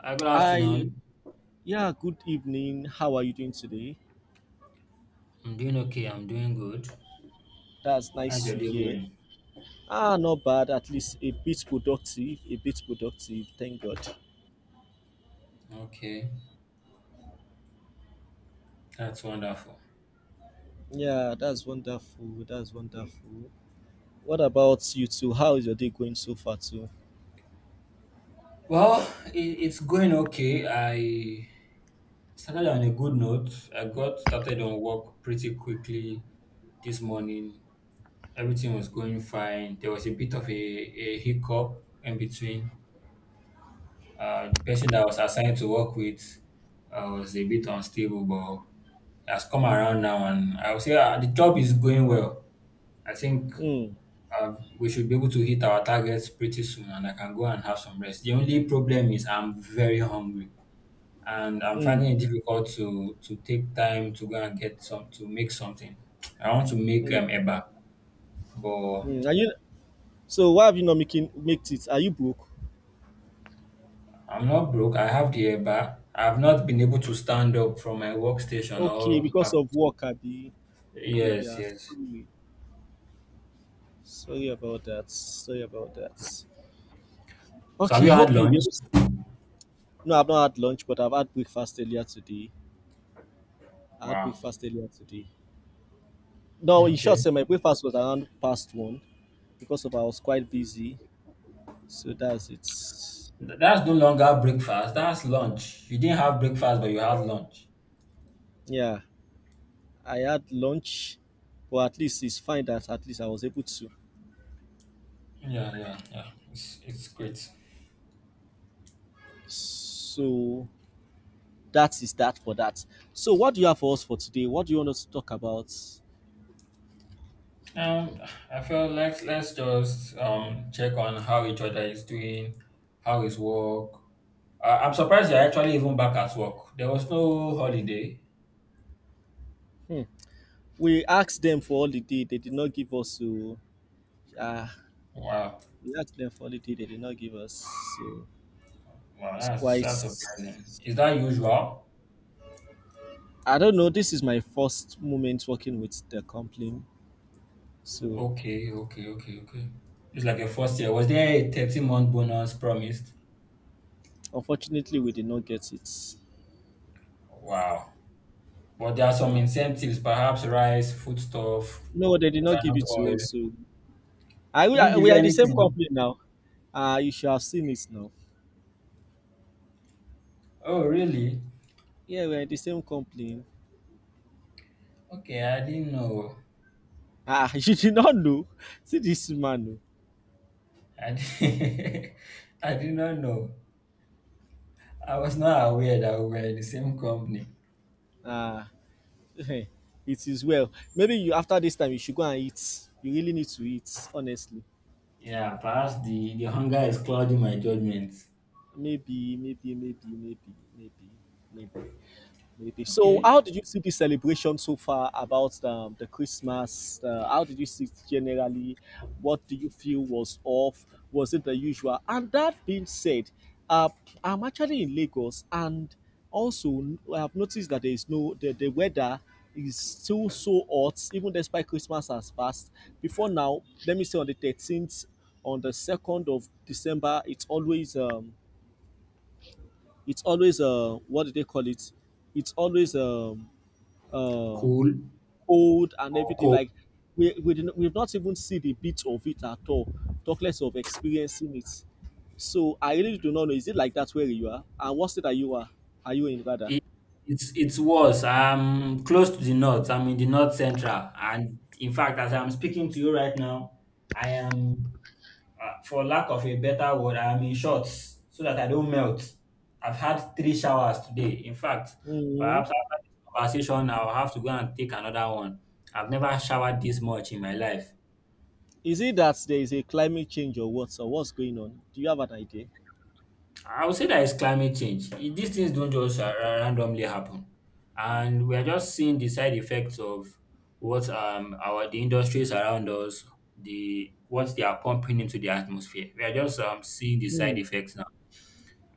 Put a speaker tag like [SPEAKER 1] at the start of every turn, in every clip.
[SPEAKER 1] Hi, good
[SPEAKER 2] I
[SPEAKER 1] afternoon.
[SPEAKER 2] Yeah, good evening. How are you doing today?
[SPEAKER 1] I'm doing okay. I'm doing good.
[SPEAKER 2] That's
[SPEAKER 1] How's
[SPEAKER 2] nice
[SPEAKER 1] your
[SPEAKER 2] to
[SPEAKER 1] day
[SPEAKER 2] hear.
[SPEAKER 1] going?
[SPEAKER 2] Not bad. At least a bit productive. A bit productive. Thank God.
[SPEAKER 1] Okay, that's wonderful.
[SPEAKER 2] Yeah, that's wonderful. That's wonderful. What about you two? How is your day going so far too?
[SPEAKER 1] Well, it's going okay. I started on a good note. I got started on work pretty quickly this morning. Everything was going fine. There was a bit of a hiccup in between. The person that I was assigned to work with was a bit unstable, but he has come around now, and I would say the job is going well. I think
[SPEAKER 2] Hmm.
[SPEAKER 1] I we should be able to hit our targets pretty soon, and I can go and have some rest. The only problem is I'm very hungry, and I'm finding
[SPEAKER 2] Hmm.
[SPEAKER 1] it difficult to take time to go and get some to make something. I want to make
[SPEAKER 2] Hmm.
[SPEAKER 1] eba, but
[SPEAKER 2] Hmm. Are you so? Why have you not making made it? Are you broke?
[SPEAKER 1] I'm not broke. I have the eba. I've not been able to stand up from my workstation.
[SPEAKER 2] Okay,
[SPEAKER 1] Or
[SPEAKER 2] because
[SPEAKER 1] I've,
[SPEAKER 2] of work, Abby.
[SPEAKER 1] yes,
[SPEAKER 2] Yeah,
[SPEAKER 1] yes.
[SPEAKER 2] sorry. Sorry about that. Sorry about that.
[SPEAKER 1] So have
[SPEAKER 2] Okay,
[SPEAKER 1] you had
[SPEAKER 2] hope you'll be
[SPEAKER 1] lunch?
[SPEAKER 2] able. No, I've not had lunch, but I've had breakfast earlier today. I had
[SPEAKER 1] Wow.
[SPEAKER 2] breakfast earlier today. No, in short,
[SPEAKER 1] Okay.
[SPEAKER 2] sir, my breakfast was around past one because of I was quite busy. So that's it.
[SPEAKER 1] That's no longer breakfast. That's lunch. You didn't have breakfast, but you had lunch.
[SPEAKER 2] Yeah, I had lunch, but at least it's fine that at least I was able to.
[SPEAKER 1] Yeah, yeah, yeah. It's great.
[SPEAKER 2] So that is that for that. So what do you have for us for today? What do you want us to talk about?
[SPEAKER 1] Um, I feel like let's just check on how each other is doing, how is work. I'm surprised you're actually even back at work. There was no holiday.
[SPEAKER 2] Hmm. We asked them for holiday. They did not give us. So uh,
[SPEAKER 1] Wow,
[SPEAKER 2] we asked them for holiday. They did not give us. So
[SPEAKER 1] wow,
[SPEAKER 2] it's quite
[SPEAKER 1] that's surprising. Is that usual?
[SPEAKER 2] I don't know. This is my first moment working with the company, so
[SPEAKER 1] Okay, okay, okay, okay. It's like a first year. Was there a 30-month bonus promised?
[SPEAKER 2] unfortunately, we did not get it.
[SPEAKER 1] Wow. But there are some
[SPEAKER 2] And
[SPEAKER 1] incentives, perhaps rice, foodstuff,
[SPEAKER 2] no, they did not give
[SPEAKER 1] groundnut
[SPEAKER 2] it to us.
[SPEAKER 1] oil.
[SPEAKER 2] So I
[SPEAKER 1] They
[SPEAKER 2] we
[SPEAKER 1] didn't
[SPEAKER 2] are,
[SPEAKER 1] give
[SPEAKER 2] we
[SPEAKER 1] you
[SPEAKER 2] are in the same
[SPEAKER 1] anything.
[SPEAKER 2] company now. Ah, you should have seen it now.
[SPEAKER 1] Oh, really?
[SPEAKER 2] Yeah, we are in the same company.
[SPEAKER 1] Okay, I didn't know.
[SPEAKER 2] You did not know. See this man.
[SPEAKER 1] I did, I did not know. I was not aware that we were in the same company.
[SPEAKER 2] Oh. It is well. Maybe you after this time you should go and eat. You really need to eat, honestly.
[SPEAKER 1] Yeah, perhaps the hunger is clouding my judgment.
[SPEAKER 2] Maybe, maybe, maybe, maybe, maybe, maybe. Maybe. So,
[SPEAKER 1] Okay.
[SPEAKER 2] how did you see the celebration so far about the Christmas? How did you see it generally? What do you feel was off? Was it the usual? And that being said, uh, I'm actually in Lagos, and also I've noticed that there is no the weather is still so hot, even despite Christmas has passed. Before now, let me say on the 13th, on the 2nd of December, it's always what do they call it? It's always uh,
[SPEAKER 1] Cool.
[SPEAKER 2] old and everything.
[SPEAKER 1] Cool.
[SPEAKER 2] Like we've not even seen the bit of it at all. Talk less of experiencing it. So I really do not know. Is it like that where you are? And what's it that you are? Are you in rather?
[SPEAKER 1] It, it's it's worse. I'm close to the north. I'm in the north central, and in fact, as I'm speaking to you right now, I am for lack of a better word, I am in shorts so that I don't melt. I've had three showers today. In fact,
[SPEAKER 2] Hmm.
[SPEAKER 1] perhaps after this conversation, I'll have to go and take another one. I've never showered this much in my life.
[SPEAKER 2] Is it that there is a climate change or what? So what's going on? Do you have an idea?
[SPEAKER 1] I would say that it's climate change. These things don't just randomly happen, and we are just seeing the side effects of what our the industries around us, the what they are pumping into the atmosphere. We are just seeing the side
[SPEAKER 2] Mm.
[SPEAKER 1] effects now.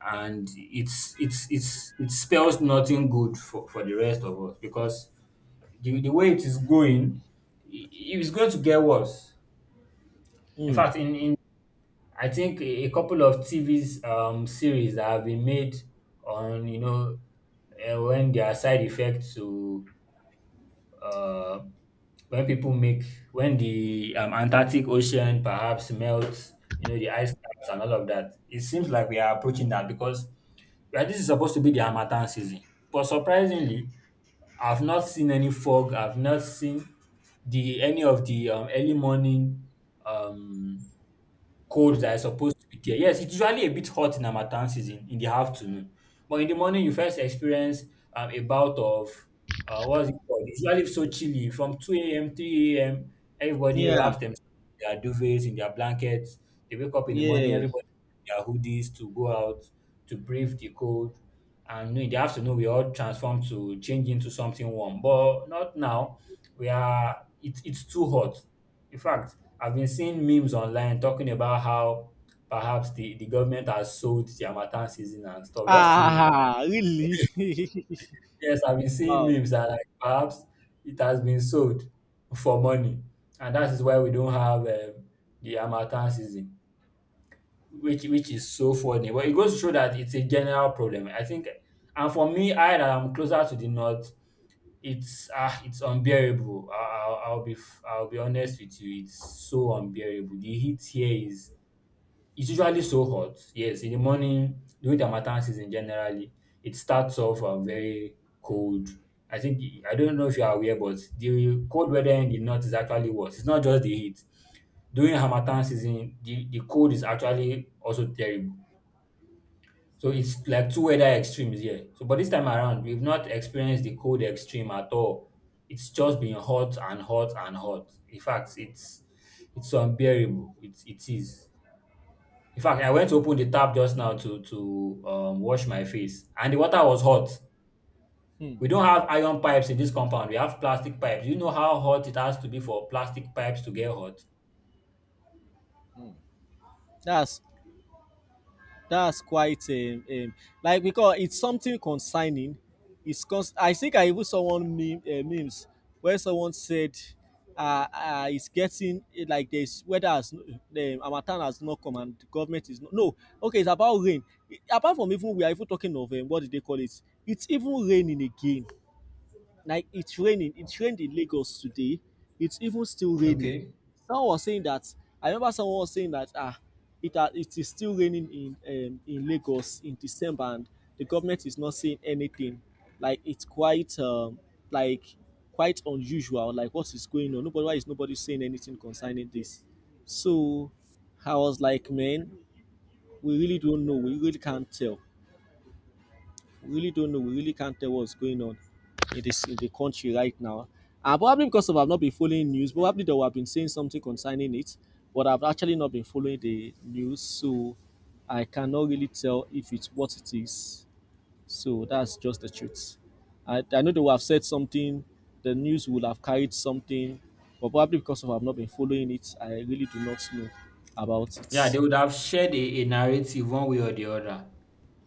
[SPEAKER 1] And it's it spells nothing good for the rest of us because the way it is going, it is going to get worse. In
[SPEAKER 2] Mm.
[SPEAKER 1] fact, in I think a couple of TV's series that have been made on you know when there are side effects to uh, when people make when the Antarctic Ocean perhaps melts, you know, the ice caps and all of that. It seems like we are approaching that because well, this is supposed to be the harmattan season. But surprisingly, I've not seen any fog. I've not seen the any of the early morning um, cold that is supposed to be there. Yes, it's usually a bit hot in harmattan season in the afternoon, but in the morning you first experience a bout of what's it called? It's usually so chilly from 2 a.m., 3 a.m. Everybody wraps
[SPEAKER 2] Yeah.
[SPEAKER 1] themselves in their duvets, in their blankets. They wake up in the morning,
[SPEAKER 2] Yeah.
[SPEAKER 1] everybody in their hoodies to go out to brave the cold. And in the afternoon, we all transform to change into something warm. But not now. We are. It's too hot. In fact, I've been seeing memes online talking about how perhaps the government has sold the Harmattan season and stuff. Just to,
[SPEAKER 2] Really?
[SPEAKER 1] yes, I've been seeing
[SPEAKER 2] Wow.
[SPEAKER 1] memes that like perhaps it has been sold for money. And that is why we don't have the Harmattan season, which is so funny. But it goes to show that it's a general problem. I think, and for me, I that I'm closer to the north, it's ah, it's unbearable. I'll be I'll be honest with you, it's so unbearable. The heat here is it's usually so hot. Yes, in the morning during the harmattan season generally, it starts off very cold. I think I don't know if you are aware, but the cold weather in the north is actually worse. It's not just the heat. During harmattan season, the cold is actually also terrible. So it's like two weather extremes here. So but this time around, we've not experienced the cold extreme at all. It's just been hot and hot and hot. In fact, it's unbearable. It is. In fact, I went to open the tap just now to wash my face, and the water was hot.
[SPEAKER 2] Hmm.
[SPEAKER 1] We don't have iron pipes in this compound. We have plastic pipes. Do you know how hot it has to be for plastic pipes to get hot?
[SPEAKER 2] That's that's quite like because it's something concerning. I think I even saw one meme, memes where someone said, "It's getting like this weather the Amatan has not come and the government is not no okay." It's about rain. Apart from even we are even talking of what did they call it? It's even raining again. Like it's raining. It rained in Lagos today. It's even still raining.
[SPEAKER 1] Okay.
[SPEAKER 2] Someone was saying that. I remember someone was saying that it is still raining in Lagos in December, and the government is not saying anything. Like it's quite like quite unusual. Like what is going on? Nobody Why is nobody saying anything concerning this? So I was like, man, we really don't know. We really can't tell. We really don't know. We really can't tell what's going on in the country right now. Probably because of I've not been following news, probably though I've been saying something concerning it, but I've actually not been following the news, so I cannot really tell if it's what it is. So that's just the truth. I know they would have said something, the news would have carried something, but probably because of I've not been following it, I really do not know about
[SPEAKER 1] Yeah, they
[SPEAKER 2] it.
[SPEAKER 1] would have shared a narrative one way or the other.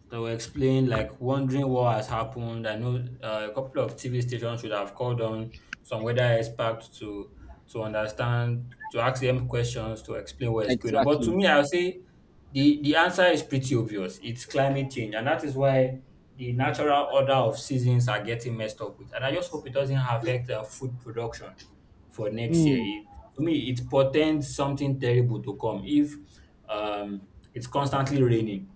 [SPEAKER 1] They were explaining, like, wondering what has happened. I know a couple of TV stations should have called on some weather experts to understand, to ask them questions, to explain what is going on. But to
[SPEAKER 2] Exactly.
[SPEAKER 1] me, I'll say the answer is pretty obvious. It's climate change, and that is why the natural order of seasons are getting messed up with. And I just hope it doesn't affect food production for next year.
[SPEAKER 2] Hmm.
[SPEAKER 1] It to me, it portends something terrible to come if um, it's constantly raining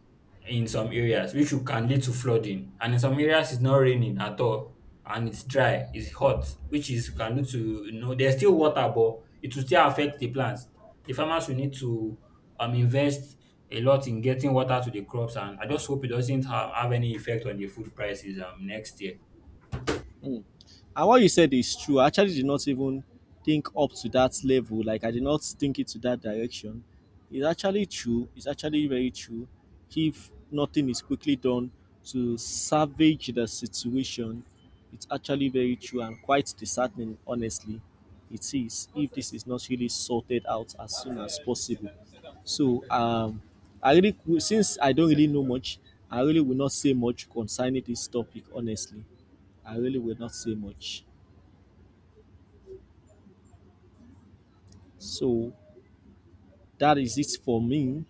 [SPEAKER 1] in some areas, which you can lead to flooding. And in some areas, it's not raining at all and it's dry, it's hot, which is can lead to, you know, there's still water, but it will still affect the plants. The farmers will need to invest a lot in getting water to the crops. And I just hope it doesn't have any effect on the food prices next year.
[SPEAKER 2] Mm. And what you said is true. I actually did not even think up to that level. Like I did not think it to that direction. It's actually true. It's actually very true. If nothing is quickly done to salvage the situation, it's actually very true and quite disheartening, honestly. It is if this is not really sorted out as soon as possible. So I really since I don't really know much, I really will not say much concerning this topic honestly. I really will not say much. So that is it for me.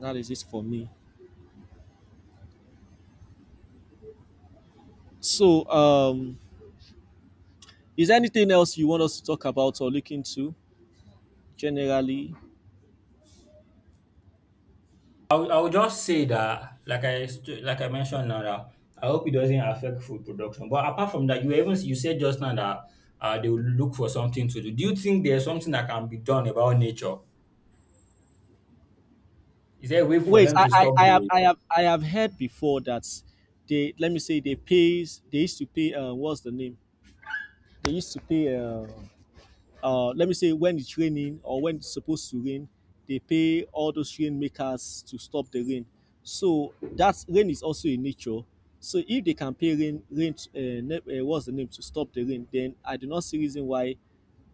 [SPEAKER 2] That is it for me. So is there anything else you want us to talk about or look into generally?
[SPEAKER 1] I would just say that, like like I mentioned now, that I hope it doesn't affect food production. But apart from that, you even you said just now that they will look for something to do. Do you think there's something that can be done about nature? Is there a way for
[SPEAKER 2] Wait,
[SPEAKER 1] them
[SPEAKER 2] I
[SPEAKER 1] to
[SPEAKER 2] I,
[SPEAKER 1] stop
[SPEAKER 2] I
[SPEAKER 1] the
[SPEAKER 2] have
[SPEAKER 1] rain?
[SPEAKER 2] I have I have heard before that they let me say they used to pay what's the name? They used to pay let me say when it's raining or when it's supposed to rain, they pay all those rainmakers to stop the rain. So that rain is also in nature. So if they can pay rain, what's the name to stop the rain, then I do not see reason why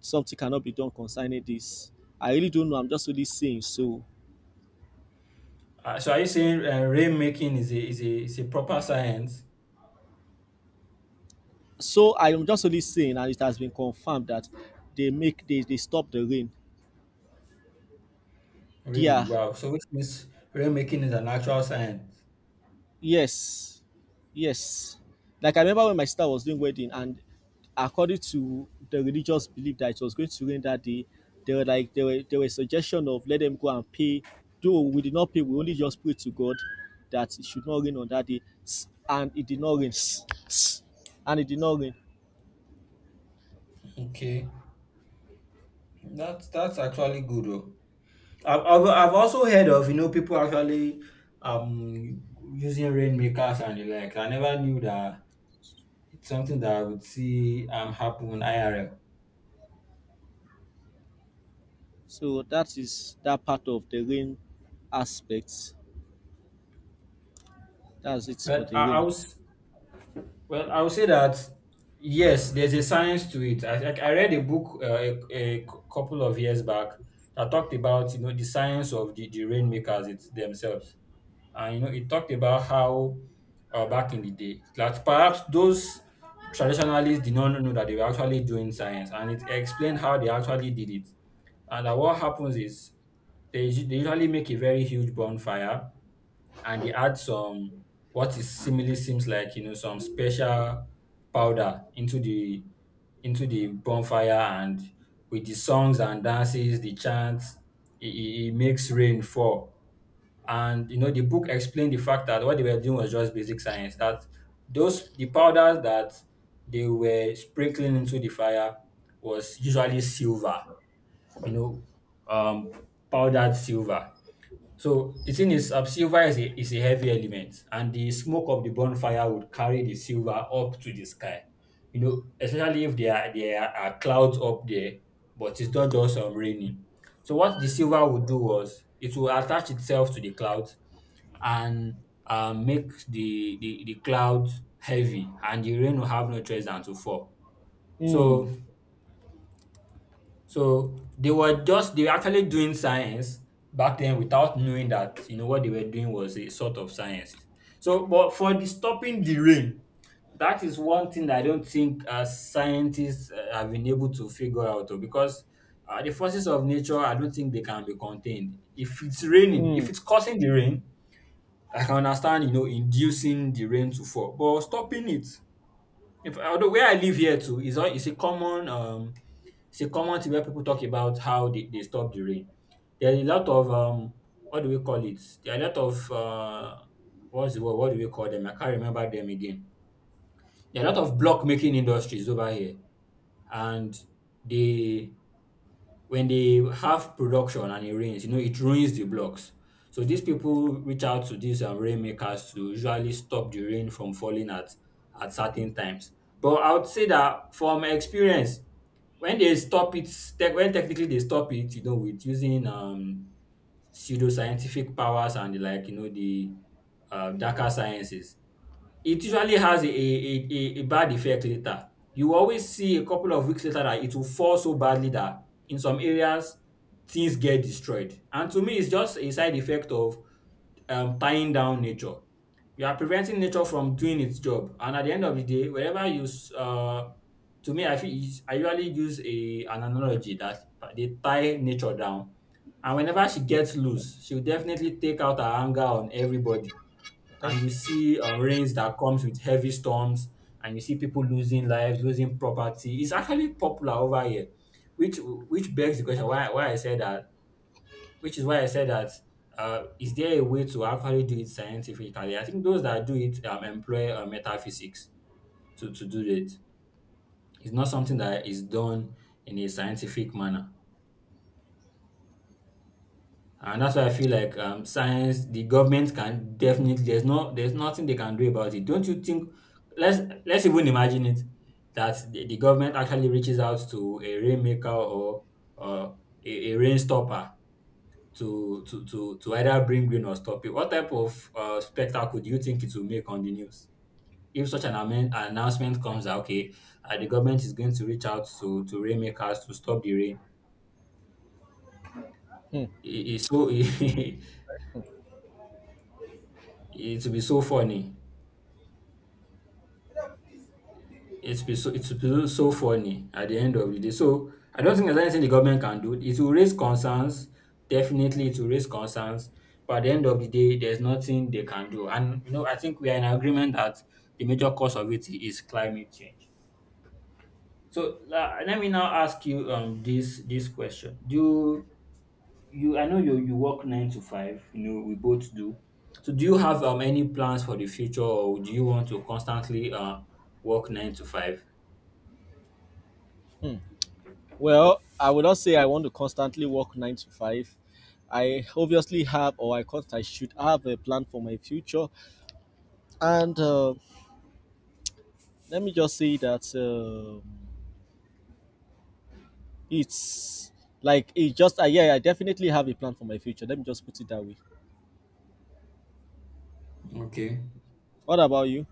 [SPEAKER 2] something cannot be done concerning this. I really don't know. I'm just only saying. So,
[SPEAKER 1] So are you saying rainmaking is a is a is a proper science?
[SPEAKER 2] so I am just only saying, and it has been confirmed that they stop the rain.
[SPEAKER 1] Really?
[SPEAKER 2] Yeah.
[SPEAKER 1] Wow. So which means rainmaking is an actual science.
[SPEAKER 2] Yes, yes. Like I remember when my sister was doing wedding, and according to the religious belief that it was going to rain that day, they were like there were suggestion of let them go and pay. Though we did not pay, we only just prayed to God that it should not rain on that day, and it did not rain, and it did not rain.
[SPEAKER 1] Okay, that's actually good. Though. I've also heard of you know people actually um using rainmakers and the like. I never knew that it's something that I would see happen IRL.
[SPEAKER 2] So that is that part of the rain aspect. That's it for
[SPEAKER 1] Well,
[SPEAKER 2] the
[SPEAKER 1] I
[SPEAKER 2] rain.
[SPEAKER 1] was well I would say that yes, there's a science to it. I read a book a couple of years back that talked about you know the science of the rainmakers it themselves. And you know, it talked about how back in the day that perhaps those traditionalists did not know that they were actually doing science, and it explained how they actually did it. And that what happens is they, they usually make a very huge bonfire and they add some what is seemingly seems like you know some special powder into the bonfire, and with the songs and dances the chants it makes rain fall. And you know, the book explained the fact that what they were doing was just basic science. That those the powders that they were sprinkling into the fire was usually silver, you know, um, powdered silver. So the thing is, silver is is a heavy element, and the smoke of the bonfire would carry the silver up to the sky. You know, especially if there are clouds up there, but it's not just raining. So what the silver would do was it will attach itself to the clouds and make the cloud heavy, and the rain will have no choice than to fall. So
[SPEAKER 2] Mm,
[SPEAKER 1] so they were just they were actually doing science back then without knowing that you know what they were doing was a sort of science. So but for the stopping the rain, that is one thing that I don't think scientists have been able to figure out oh, because the forces of nature I don't think they can be contained if it's raining if
[SPEAKER 2] mm.
[SPEAKER 1] it's causing the rain. I can understand, you know, inducing the rain to fall, but stopping it if although where I live here too is is a common it's a common thing where people talk about how they stop the rain. There are a lot of what do we call it? There are a lot of what's the word? What do we call them? I can't remember them again. There are a lot of block making industries over here, and they when they have production and it rains, you know, it ruins the blocks. So these people reach out to these rainmakers to usually stop the rain from falling at certain times. But I would say that from experience, when they stop it, tech when technically they stop it, with using pseudoscientific powers and the like, the darker sciences, it usually has a bad effect later. You always see a couple of weeks later that it will fall so badly that in some areas things get destroyed. And to me, it's just a side effect of tying down nature. You are preventing nature from doing its job. And at the end of the day, to me, I feel I usually use a an analogy that they tie nature down. And whenever she gets loose, she'll definitely take out her anger on everybody, and you
[SPEAKER 2] Thank
[SPEAKER 1] see rains that comes with heavy storms, and you see people losing lives, losing property. It's actually popular over here, which begs the question, why I said that which is why I said that. Is there a way to actually do it scientifically? I think those that do it employ metaphysics to do it. It's not something that is done in a scientific manner. And that's why I feel like the government can definitely. There's nothing they can do about it. Don't you think? Let's even imagine it that the government actually reaches out to a rainmaker or a rain stopper to either bring rain or stop it. What type of spectacle do you think it will make on the news? If such an announcement comes out, okay, the government is going to reach out to rainmakers to stop the rain. It's so it will be so funny. It's been so funny at the end of the day. So I don't think there's anything the government can do. It will raise concerns. Definitely it will raise concerns. But at the end of the day, there's nothing they can do. And I think we are in agreement that the major cause of it is climate change. So let me now ask you this question. Do you I know you work nine to five, we both do. So do you have any plans for the future or do you want to constantly work nine to five?
[SPEAKER 2] you. Mm. Well, I would not say I want to constantly work nine to five. I obviously have, or I should have a plan for my future. And let me just say that it's like it just yeah, I definitely have a plan for my future. Let me just put it that way.
[SPEAKER 1] Okay.
[SPEAKER 2] What about you?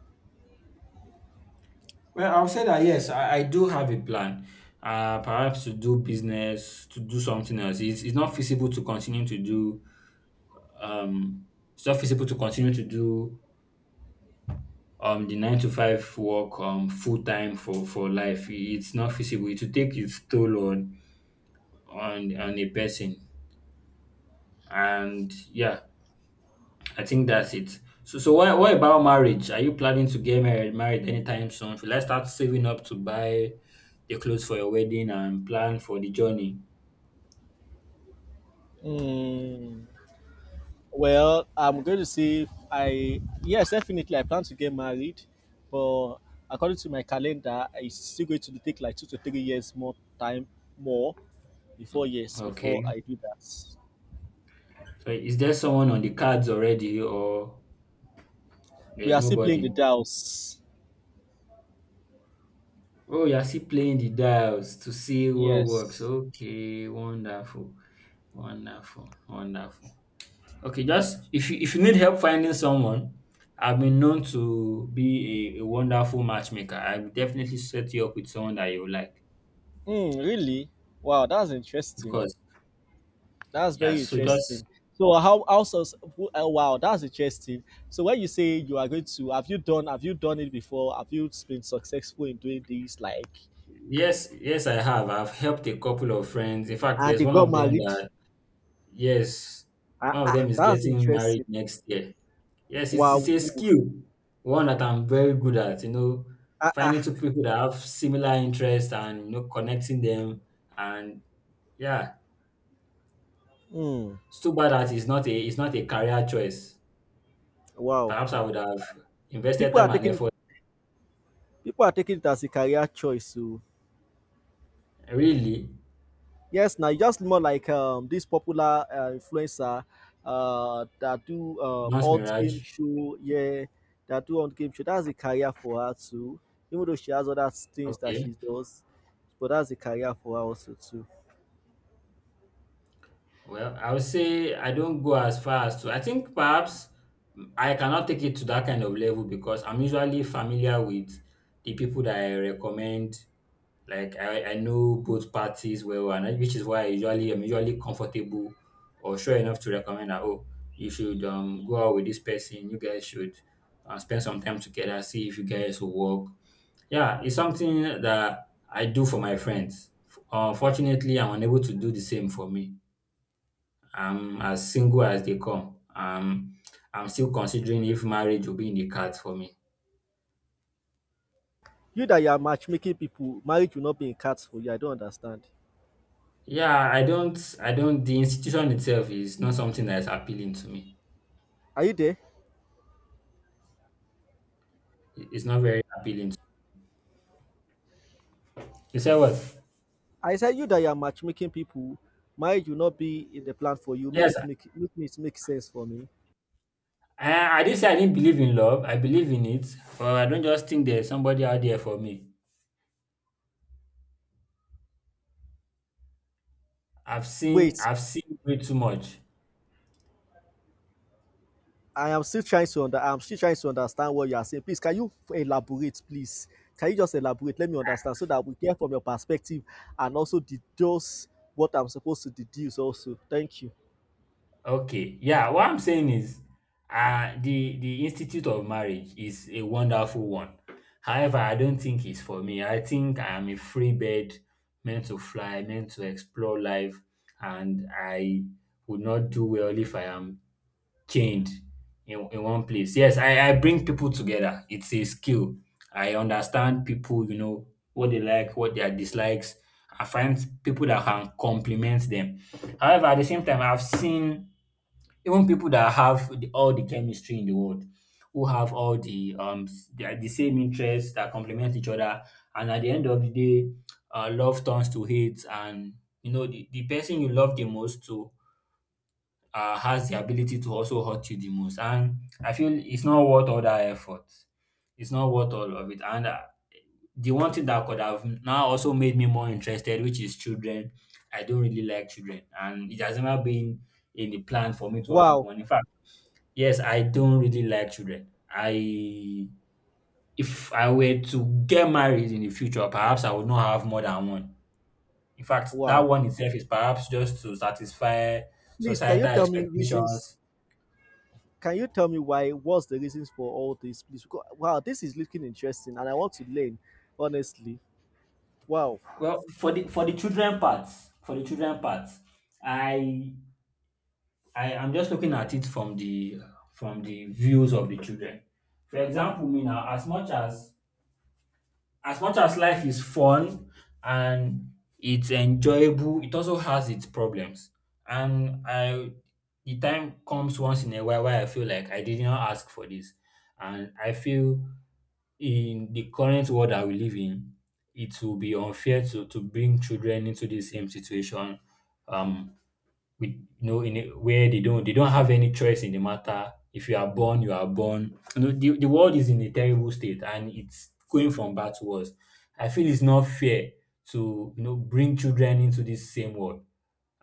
[SPEAKER 1] Well, I'll say that yes, I do have a plan. Perhaps to do business, to do something else. It's not feasible to continue to do um it's not feasible to continue to do the nine to five work full time for life. It's not feasible. It will take its toll on a person. And yeah, I think that's it. So what about marriage? Are you planning to get married anytime soon? Should I start saving up to buy the clothes for your wedding and plan for the journey?
[SPEAKER 2] Mm, well, I'm going to say I yes, definitely I plan to get married, but according to my calendar, it's still going to take like 2 to 3 years more time more before before
[SPEAKER 1] Okay.
[SPEAKER 2] I do that.
[SPEAKER 1] So is there someone on the cards already or
[SPEAKER 2] We
[SPEAKER 1] there's
[SPEAKER 2] are still playing the
[SPEAKER 1] nobody?
[SPEAKER 2] dials.
[SPEAKER 1] Oh, you're still playing the dials to see what works.
[SPEAKER 2] Yes.
[SPEAKER 1] Okay, wonderful. Wonderful. Wonderful. Okay, just if you need help finding someone, I've been known to be a wonderful matchmaker. I will definitely set you up with someone that you like.
[SPEAKER 2] Mm, really. Wow, that's
[SPEAKER 1] Of
[SPEAKER 2] interesting.
[SPEAKER 1] course.
[SPEAKER 2] That's
[SPEAKER 1] Yeah,
[SPEAKER 2] very
[SPEAKER 1] so just,
[SPEAKER 2] interesting. So how also, oh, wow, that's interesting. So when you say you are going to have you done it before, have you been successful in doing this, like,
[SPEAKER 1] yes, yes, I have. I've helped a couple of friends. In fact,
[SPEAKER 2] and
[SPEAKER 1] there's
[SPEAKER 2] they
[SPEAKER 1] one
[SPEAKER 2] got
[SPEAKER 1] of them
[SPEAKER 2] married?
[SPEAKER 1] that. Yes,
[SPEAKER 2] Ah,
[SPEAKER 1] one of
[SPEAKER 2] ah,
[SPEAKER 1] them is
[SPEAKER 2] that's
[SPEAKER 1] getting married
[SPEAKER 2] interesting.
[SPEAKER 1] next year. Yes, it's,
[SPEAKER 2] Wow,
[SPEAKER 1] it's a
[SPEAKER 2] woo.
[SPEAKER 1] skill, one that I'm very good at,
[SPEAKER 2] Ah, ah.
[SPEAKER 1] finding two people that have similar interests and connecting them. And yeah,
[SPEAKER 2] Mm,
[SPEAKER 1] it's too bad that it's not a career choice.
[SPEAKER 2] wow.
[SPEAKER 1] Perhaps I would have invested
[SPEAKER 2] people are
[SPEAKER 1] time and
[SPEAKER 2] taking
[SPEAKER 1] effort.
[SPEAKER 2] People are taking it as a career choice, so.
[SPEAKER 1] Really?
[SPEAKER 2] Yes, now just more like this popular influencer that do
[SPEAKER 1] Not
[SPEAKER 2] alt game
[SPEAKER 1] Mirage.
[SPEAKER 2] show, yeah, that do alt game show. That's a career for her too. Even though she has other things that
[SPEAKER 1] Okay.
[SPEAKER 2] she does, but that's a career for her also too.
[SPEAKER 1] Well, I would say I don't go as far as to, I think perhaps I cannot take it to that kind of level because I'm usually familiar with the people that I recommend. Like I know both parties well, and which is why I'm usually comfortable or sure enough to recommend that oh, you should go out with this person. You guys should spend some time together. See if you guys will work. Yeah, it's something that I do for my friends. Unfortunately, I'm unable to do the same for me. I'm as single as they come. I'm still considering if marriage will be in the cards for me.
[SPEAKER 2] You that you are matchmaking people, marriage will not be in cards for you. I don't understand.
[SPEAKER 1] Yeah, I don't, the institution itself is not something that is appealing to me.
[SPEAKER 2] Are you there?
[SPEAKER 1] It's not very appealing. To You said what?
[SPEAKER 2] I said you that you are matchmaking people, marriage will not be in the plan for you. Make
[SPEAKER 1] Yes,
[SPEAKER 2] it make make it make sense for me.
[SPEAKER 1] I didn't say I didn't believe in love. I believe in it, but I don't just think there's somebody out there for me. I've seen,
[SPEAKER 2] Wait,
[SPEAKER 1] I've seen way too much.
[SPEAKER 2] I'm still trying to understand what you are saying. Please, can you elaborate, please? Can you just elaborate? Let me understand so that we hear from your perspective and also deduce what I'm supposed to deduce also. Thank you.
[SPEAKER 1] Okay, yeah, what I'm saying is the institute of marriage is a wonderful one. However, I don't think it's for me. I think I am a free bird meant to fly, meant to explore life, and I would not do well if I am chained in one place. Yes, I bring people together. It's a skill. I understand people, what they like, what their dislikes. I find people that can complement them. However, at the same time, I've seen even people that have all the chemistry in the world, who have all the the same interests that complement each other, and at the end of the day, love turns to hate, and the person you love the most to has the ability to also hurt you the most. And I feel it's not worth all that effort. It's not worth all of it. And the one thing that could have now also made me more interested, which is children. I don't really like children, and it has never been in the plan for me to have
[SPEAKER 2] Wow.
[SPEAKER 1] one. In fact. Yes, I don't really like children. I If I were to get married in the future, perhaps I would not have more than one. In fact, that
[SPEAKER 2] Wow.
[SPEAKER 1] one itself is perhaps just to satisfy
[SPEAKER 2] Please, can you
[SPEAKER 1] societal
[SPEAKER 2] tell me reasons?
[SPEAKER 1] expectations.
[SPEAKER 2] Can you tell me why? What's the reasons for all this, please? Because, wow, this is looking interesting and I want to learn, honestly. Wow.
[SPEAKER 1] Well, for the children part, for the children part, I I am just looking at it from the views of the children. For example, me now, as much as life is fun and it's enjoyable, it also has its problems. And the time comes once in a while where I feel like I did not ask for this, and I feel in the current world that we live in, it will be unfair to bring children into the same situation. Um, with in a where they don't have any choice in the matter. If you are born, you are born. The world is in a terrible state and it's going from bad to worse. I feel it's not fair to bring children into this same world,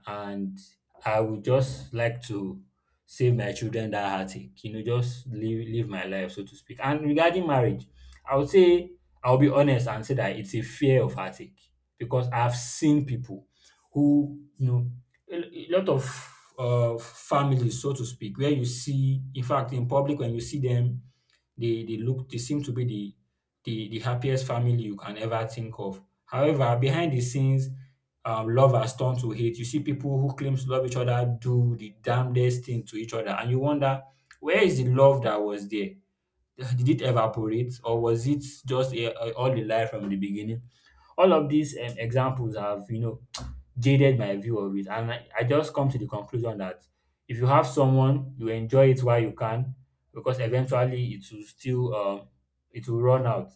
[SPEAKER 1] and I would just like to save my children that heartache, just live my life, so to speak. And regarding marriage, I would say I'll be honest and say that it's a fear of heartache because I've seen people who, you know, a lot of families, so to speak, where you see, in fact, in public, when you see them, they look, they seem to be the happiest family you can ever think of. However, behind the scenes, love has turned to hate. You see people who claim to love each other do the damnedest thing to each other, and you wonder, where is the love that was there? Did it evaporate, or was it just all a lie from the beginning? All of these examples have jaded my view of it, and I just come to the conclusion that if you have someone, you enjoy it while you can, because eventually it will still it will run out.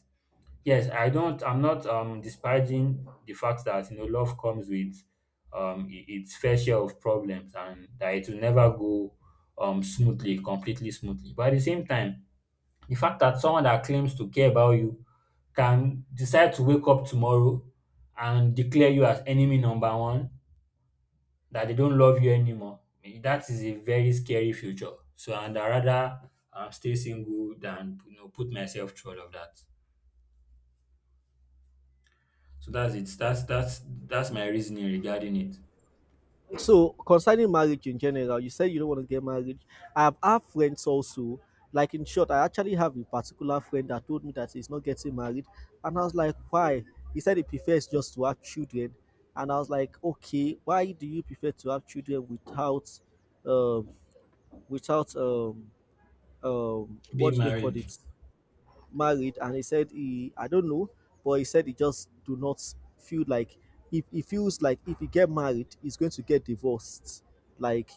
[SPEAKER 1] Yes, I don't. I'm not disparaging the fact that love comes with its fair share of problems and that it will never go smoothly, completely smoothly. But at the same time, the fact that someone that claims to care about you can decide to wake up tomorrow and declare you as enemy number one, that they don't love you anymore, that is a very scary future. So, and I rather stay single than put myself through all of that. So that's it. That's my reasoning regarding it.
[SPEAKER 2] So concerning marriage in general, you said you don't want to get married. I've have friends also. Like in short, I actually have a particular friend that told me that he's not getting married, and I was like, why? He said he prefers just to have children, and I was like, okay, why do you prefer to have children without, um, without what
[SPEAKER 1] Being
[SPEAKER 2] do they call
[SPEAKER 1] married.
[SPEAKER 2] it? Married. And he said he I don't know, but he said he just do not feel like if he get married, he's going to get divorced, like,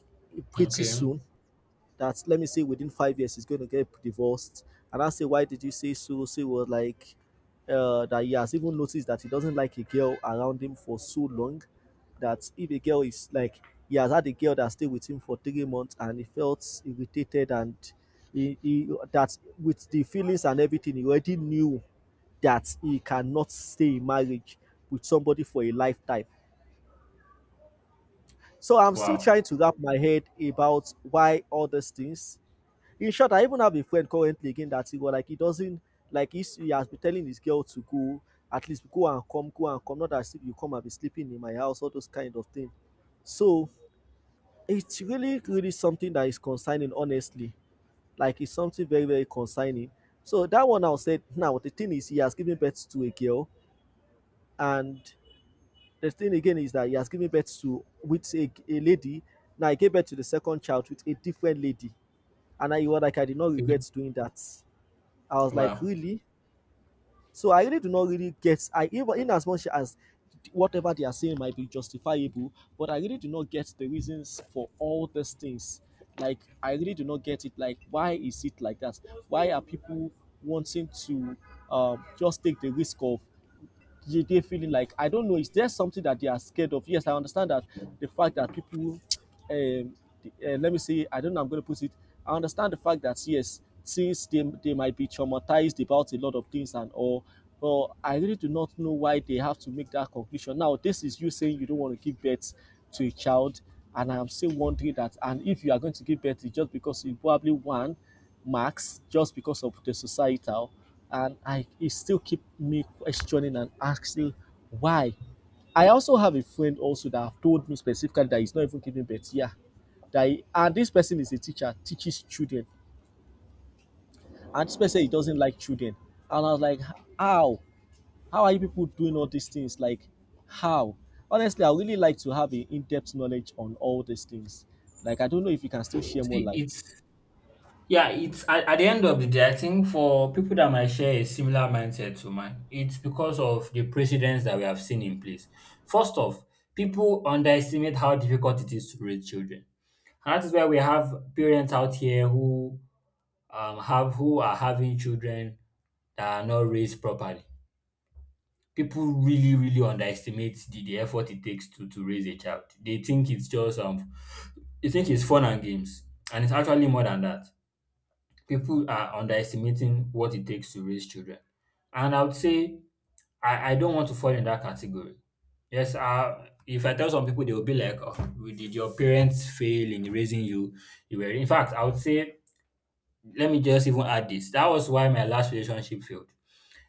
[SPEAKER 2] pretty
[SPEAKER 1] Okay.
[SPEAKER 2] soon. That let me say within 5 years he's going to get divorced. And I say, why did you say so? So he was like, that he has even noticed that he doesn't like a girl around him for so long, that if a girl is like, he has had a girl that stayed with him for 3 months and he felt irritated, and he that with the feelings and everything he already knew that he cannot stay in marriage with somebody for a lifetime. So I'm still
[SPEAKER 1] Wow.
[SPEAKER 2] trying to wrap my head about why all these things. In short, I even have a friend currently again that he was like he doesn't, like he has been telling his girl to go, at least go and come, go and come, not as if you come and be sleeping in my house, all those kind of things. So it's really really something that is concerning, honestly. Like it's something very very concerning. So that one, I said, now the thing is he has given birth to a girl, and the thing again is that he has given birth to with a lady. Now he gave birth to the second child with a different lady, and I was like, I did not
[SPEAKER 1] Okay.
[SPEAKER 2] regret doing that. I was like,
[SPEAKER 1] Wow.
[SPEAKER 2] really? So I really do not really get. I, even in as much as whatever they are saying might be justifiable, but I really do not get the reasons for all these things. Like I really do not get it. Like why is it like that? Why are people wanting to just take the risk of they feeling like, I don't know, is there something that they are scared of? Yes, I understand that the fact that people um let me say, I don't know, I'm going to put it, I understand the fact that yes, since they might be traumatized about a lot of things and all, but I really do not know why they have to make that conclusion. Now this is you saying you don't want to give birth to a child, and I'm still wondering that. And if you are going to give birth, it's just because you probably one marks, just because of the societal. And I, it still keep me questioning and asking why. I also have a friend also that have told me specifically that he's not even giving birth, yeah, that he, and this person is a teacher, teaches children, and this person he doesn't like children. And I was like, how? How are you people doing all these things? Like how? Honestly, I really like to have an in-depth knowledge on all these things. Like I don't know if you can still share more
[SPEAKER 1] See, it's
[SPEAKER 2] light.
[SPEAKER 1] yeah, it's at the end of the day, I think for people that might share a similar mindset to mine, it's because of the precedents that we have seen in place. First off, people underestimate how difficult it is to raise children. And that is why we have parents out here who have who are having children that are not raised properly. People really really underestimate the effort it takes to raise a child. They think it's just they think it's fun and games, and it's actually more than that. People are underestimating what it takes to raise children, and I would say I don't want to fall in that category. Yes, if I tell some people they will be like, oh, did your parents fail in raising you? You were in fact, I would say, let me just even add this, that was why my last relationship failed.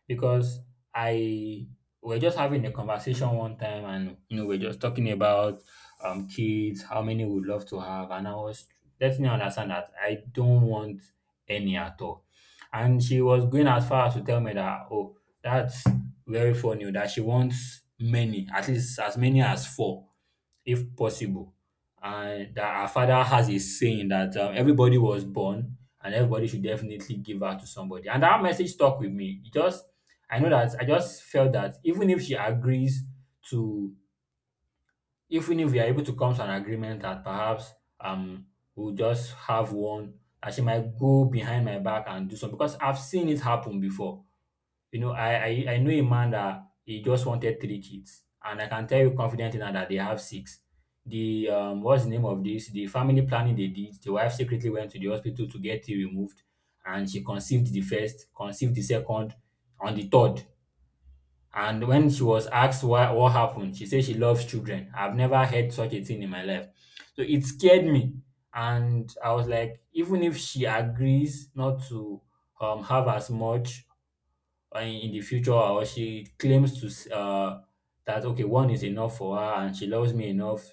[SPEAKER 1] Because I we are just having a conversation one time, and you know we are just talking about kids, how many we would love to have, and I was letting her understand that I don't want any at all. And she was going as far as to tell me that, oh, that's very funny, that she wants many, at least as many as four if possible. And that our father has a saying that everybody was born and everybody should definitely give out to somebody. And that message stuck with me. It just I know that I just felt that even if she agrees to, even if we are able to come to an agreement that perhaps um we'll just have one, that she might go behind my back and do something because I've seen it happen before. You know, I know a man that he just wanted three kids, and I can tell you confidently now that they have six. The what's the name of this? The family planning they did, the wife secretly went to the hospital to get it removed, and she conceived the first, conceived the second, and the third. And when she was asked why, what happened, she said she loves children. I've never heard such a thing in my life. So it scared me. And I was like, even if she agrees not to have as much in the future, or she claims to that okay, one is enough for her and she loves me enough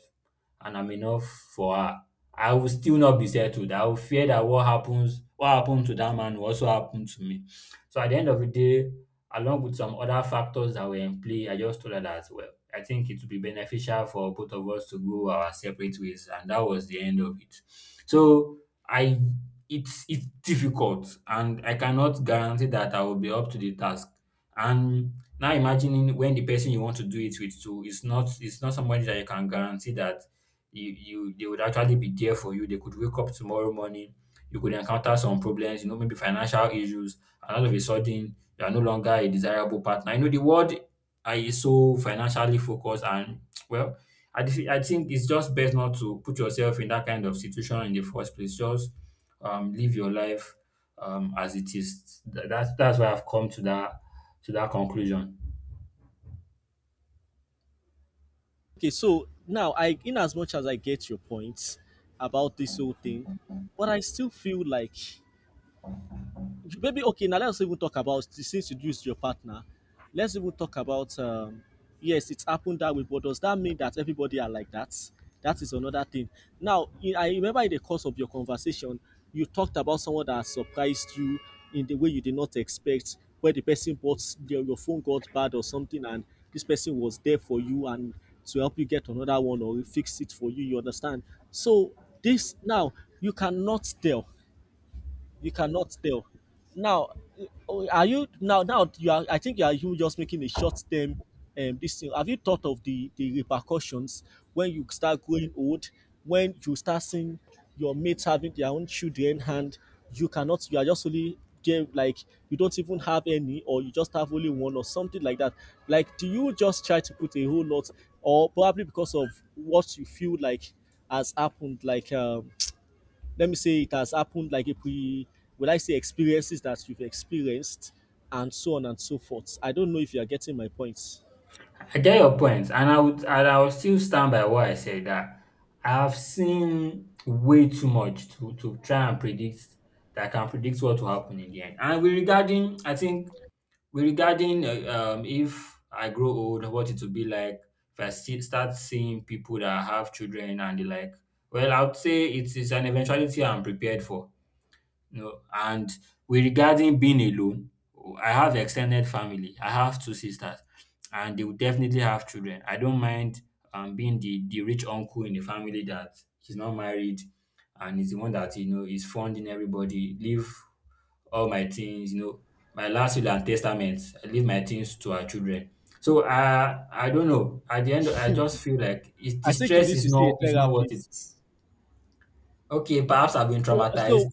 [SPEAKER 1] and I'm enough for her, I will still not be settled. I will fear that what happens what happened to that man will also happen to me. So at the end of the day, along with some other factors that were in play, I just told her that, well, I think it would be beneficial for both of us to go our separate ways, and that was the end of it. So I it's difficult and I cannot guarantee that I will be up to the task. And now imagining when the person you want to do it with too is not it's not somebody that you can guarantee that you they would actually be there for you. They could wake up tomorrow morning, you could encounter some problems, you know, maybe financial issues, and all of a sudden you are no longer a desirable partner. You know, the world is so financially focused and well, I think it's just best not to put yourself in that kind of situation in the first place. Just live your life as it is. That's why I've come to that conclusion.
[SPEAKER 2] Okay, so now I, in as much as I get your points about this whole thing, but I still feel like maybe, okay, now let's even talk about, since you do is your partner, let's even talk about, yes, it's happened that way, but does that mean that everybody are like that? That is another thing. Now in, I remember in the course of your conversation you talked about someone that surprised you in the way you did not expect, where the person bought your phone got bad or something, and this person was there for you and to help you get another one or fix it for you, you understand? So this now, you cannot tell. You cannot tell. Now, eh, oh, are you now? Now you are. I think you are, you just making a short term. This thing, have you thought of the repercussions when you start growing old? When you start seeing your mates having their own children, and you cannot. You are just only there, like you don't even have any, or you just have only one, or something like that. Like, do you just try to put a whole lot, or probably because of what you feel like has happened, like let me say it has happened like a pre, will I say experiences that you've experienced, and so on and so forth. I don't know if you are getting my point.
[SPEAKER 1] I get your point, and I would and I will still stand by what I said, that I have seen way too much to try and predict that I can predict what will happen in the end. And we regarding, I think we regarding if I grow old, what it will be like. If I start seeing people that have children and the like, well, I would say it is an eventuality I'm prepared for. No, and with regarding being alone, I have extended family. I have two sisters, and they will definitely have children. I don't mind being the rich uncle in the family that he's not married, and is the one that you know is funding everybody. Leave all my things, you know, my last will and testament. I leave my things to our children. So I don't know. At the end, I just feel like the
[SPEAKER 2] I think you
[SPEAKER 1] stress
[SPEAKER 2] need to see a
[SPEAKER 1] is not worth it.
[SPEAKER 2] therapist.
[SPEAKER 1] Okay, perhaps I've been
[SPEAKER 2] So
[SPEAKER 1] traumatized.
[SPEAKER 2] so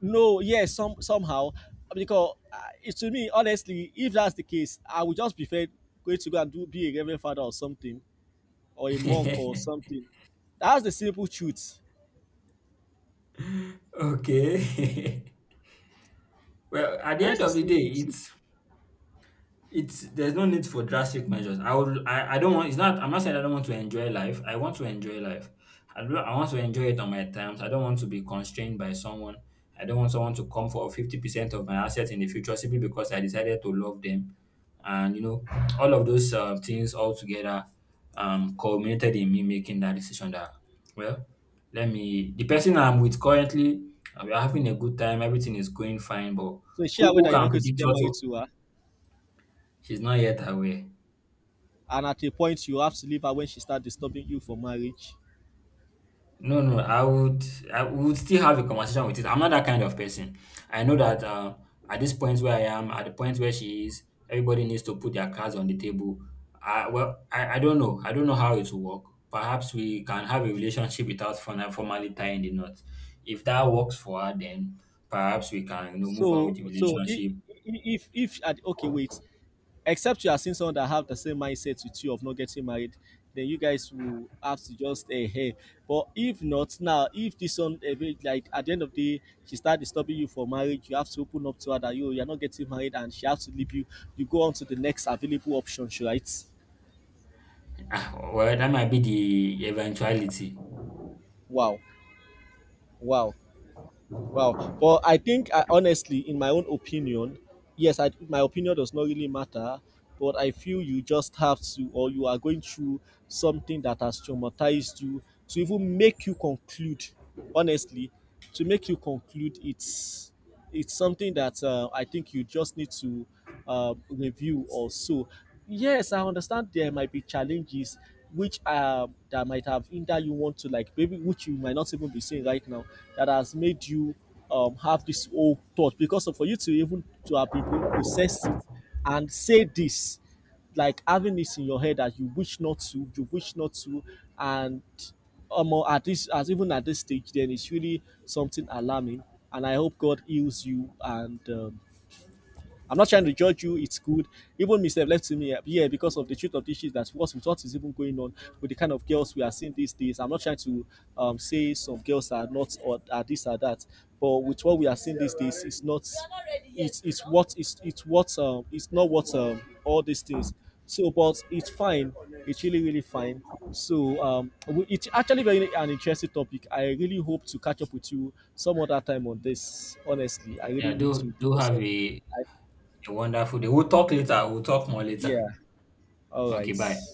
[SPEAKER 2] no, yes, some somehow, because it, to me honestly, if that's the case, I would just prefer going to go and do be a reverend father or something, or a monk or something. That's the simple truth.
[SPEAKER 1] Okay. Well, at the
[SPEAKER 2] That's
[SPEAKER 1] end
[SPEAKER 2] the
[SPEAKER 1] of the day,
[SPEAKER 2] simple truth.
[SPEAKER 1] it's there's no need for drastic measures. I don't want it's not I'm not saying I don't want to enjoy life. I want to enjoy life. I want to enjoy it on my terms. I don't want to be constrained by someone. I don't want someone to come for 50% of my assets in the future simply because I decided to love them. And you know, all of those things all together culminated in me making that decision that, well, let me the person I'm with currently, we're having a good time, everything is going fine, but
[SPEAKER 2] So share she
[SPEAKER 1] who
[SPEAKER 2] that you're
[SPEAKER 1] can
[SPEAKER 2] not going to
[SPEAKER 1] predict
[SPEAKER 2] get
[SPEAKER 1] what
[SPEAKER 2] married
[SPEAKER 1] will-
[SPEAKER 2] to her?
[SPEAKER 1] she's not yet aware.
[SPEAKER 2] And at a point you have to leave her when she start disturbing you for marriage.
[SPEAKER 1] No, no, I would still have a conversation with it. I'm not that kind of person. I know that at this point where I am, at the point where she is, everybody needs to put their cards on the table. I don't know. I don't know how it will work. Perhaps we can have a relationship without formally tying the knot. If that works for her, then perhaps we can, you know, move on
[SPEAKER 2] So
[SPEAKER 1] with the
[SPEAKER 2] so if
[SPEAKER 1] relationship.
[SPEAKER 2] if at- okay wait, except you are seeing someone that have the same mindset with you of not getting married, then you guys will have to just eh hey. But if not, now if this one, eh, be- like at the end of the day she start disturbing you for marriage, you have to open up to her that you are not getting married and she has to leave you. You go on to the next available options, right?
[SPEAKER 1] Ah, well, that might be the eventuality.
[SPEAKER 2] Wow. Wow. Wow. But I think, I, honestly, in my own opinion, yes, I, my opinion does not really matter. But I feel you just have to, or you are going through something that has traumatized you to even make you conclude, honestly, to make you conclude it's something that I think you just need to review or so. Yes, I understand there might be challenges which that might have hindered you, want to like maybe, which you might not even be seeing right now, that has made you have this whole thought, because of, for you to even to have been pro- processed it and say this, like having this in your head that you wish not to, you wish not to, and at this, as even at this stage, then it's really something alarming. And I hope God heals you, and I'm not trying to judge you. It's good. Even myself left to me, yeah, because of the truth of the issues, that's what's with what is even going on with the kind of girls we are seeing these days. I'm not trying to say some girls are not or are this or that, but with what we are seeing these days, it's not. It's what, it's what, it's not what all these things. So, but it's fine. It's really really fine. So it's actually very an interesting topic. I really hope to catch up with you some other time on this. Honestly, I really
[SPEAKER 1] Yeah,
[SPEAKER 2] need to
[SPEAKER 1] do
[SPEAKER 2] because
[SPEAKER 1] have
[SPEAKER 2] of I.
[SPEAKER 1] a wonderful day. We'll talk more
[SPEAKER 2] Yeah.
[SPEAKER 1] later.
[SPEAKER 2] All
[SPEAKER 1] Okay,
[SPEAKER 2] right.
[SPEAKER 1] bye.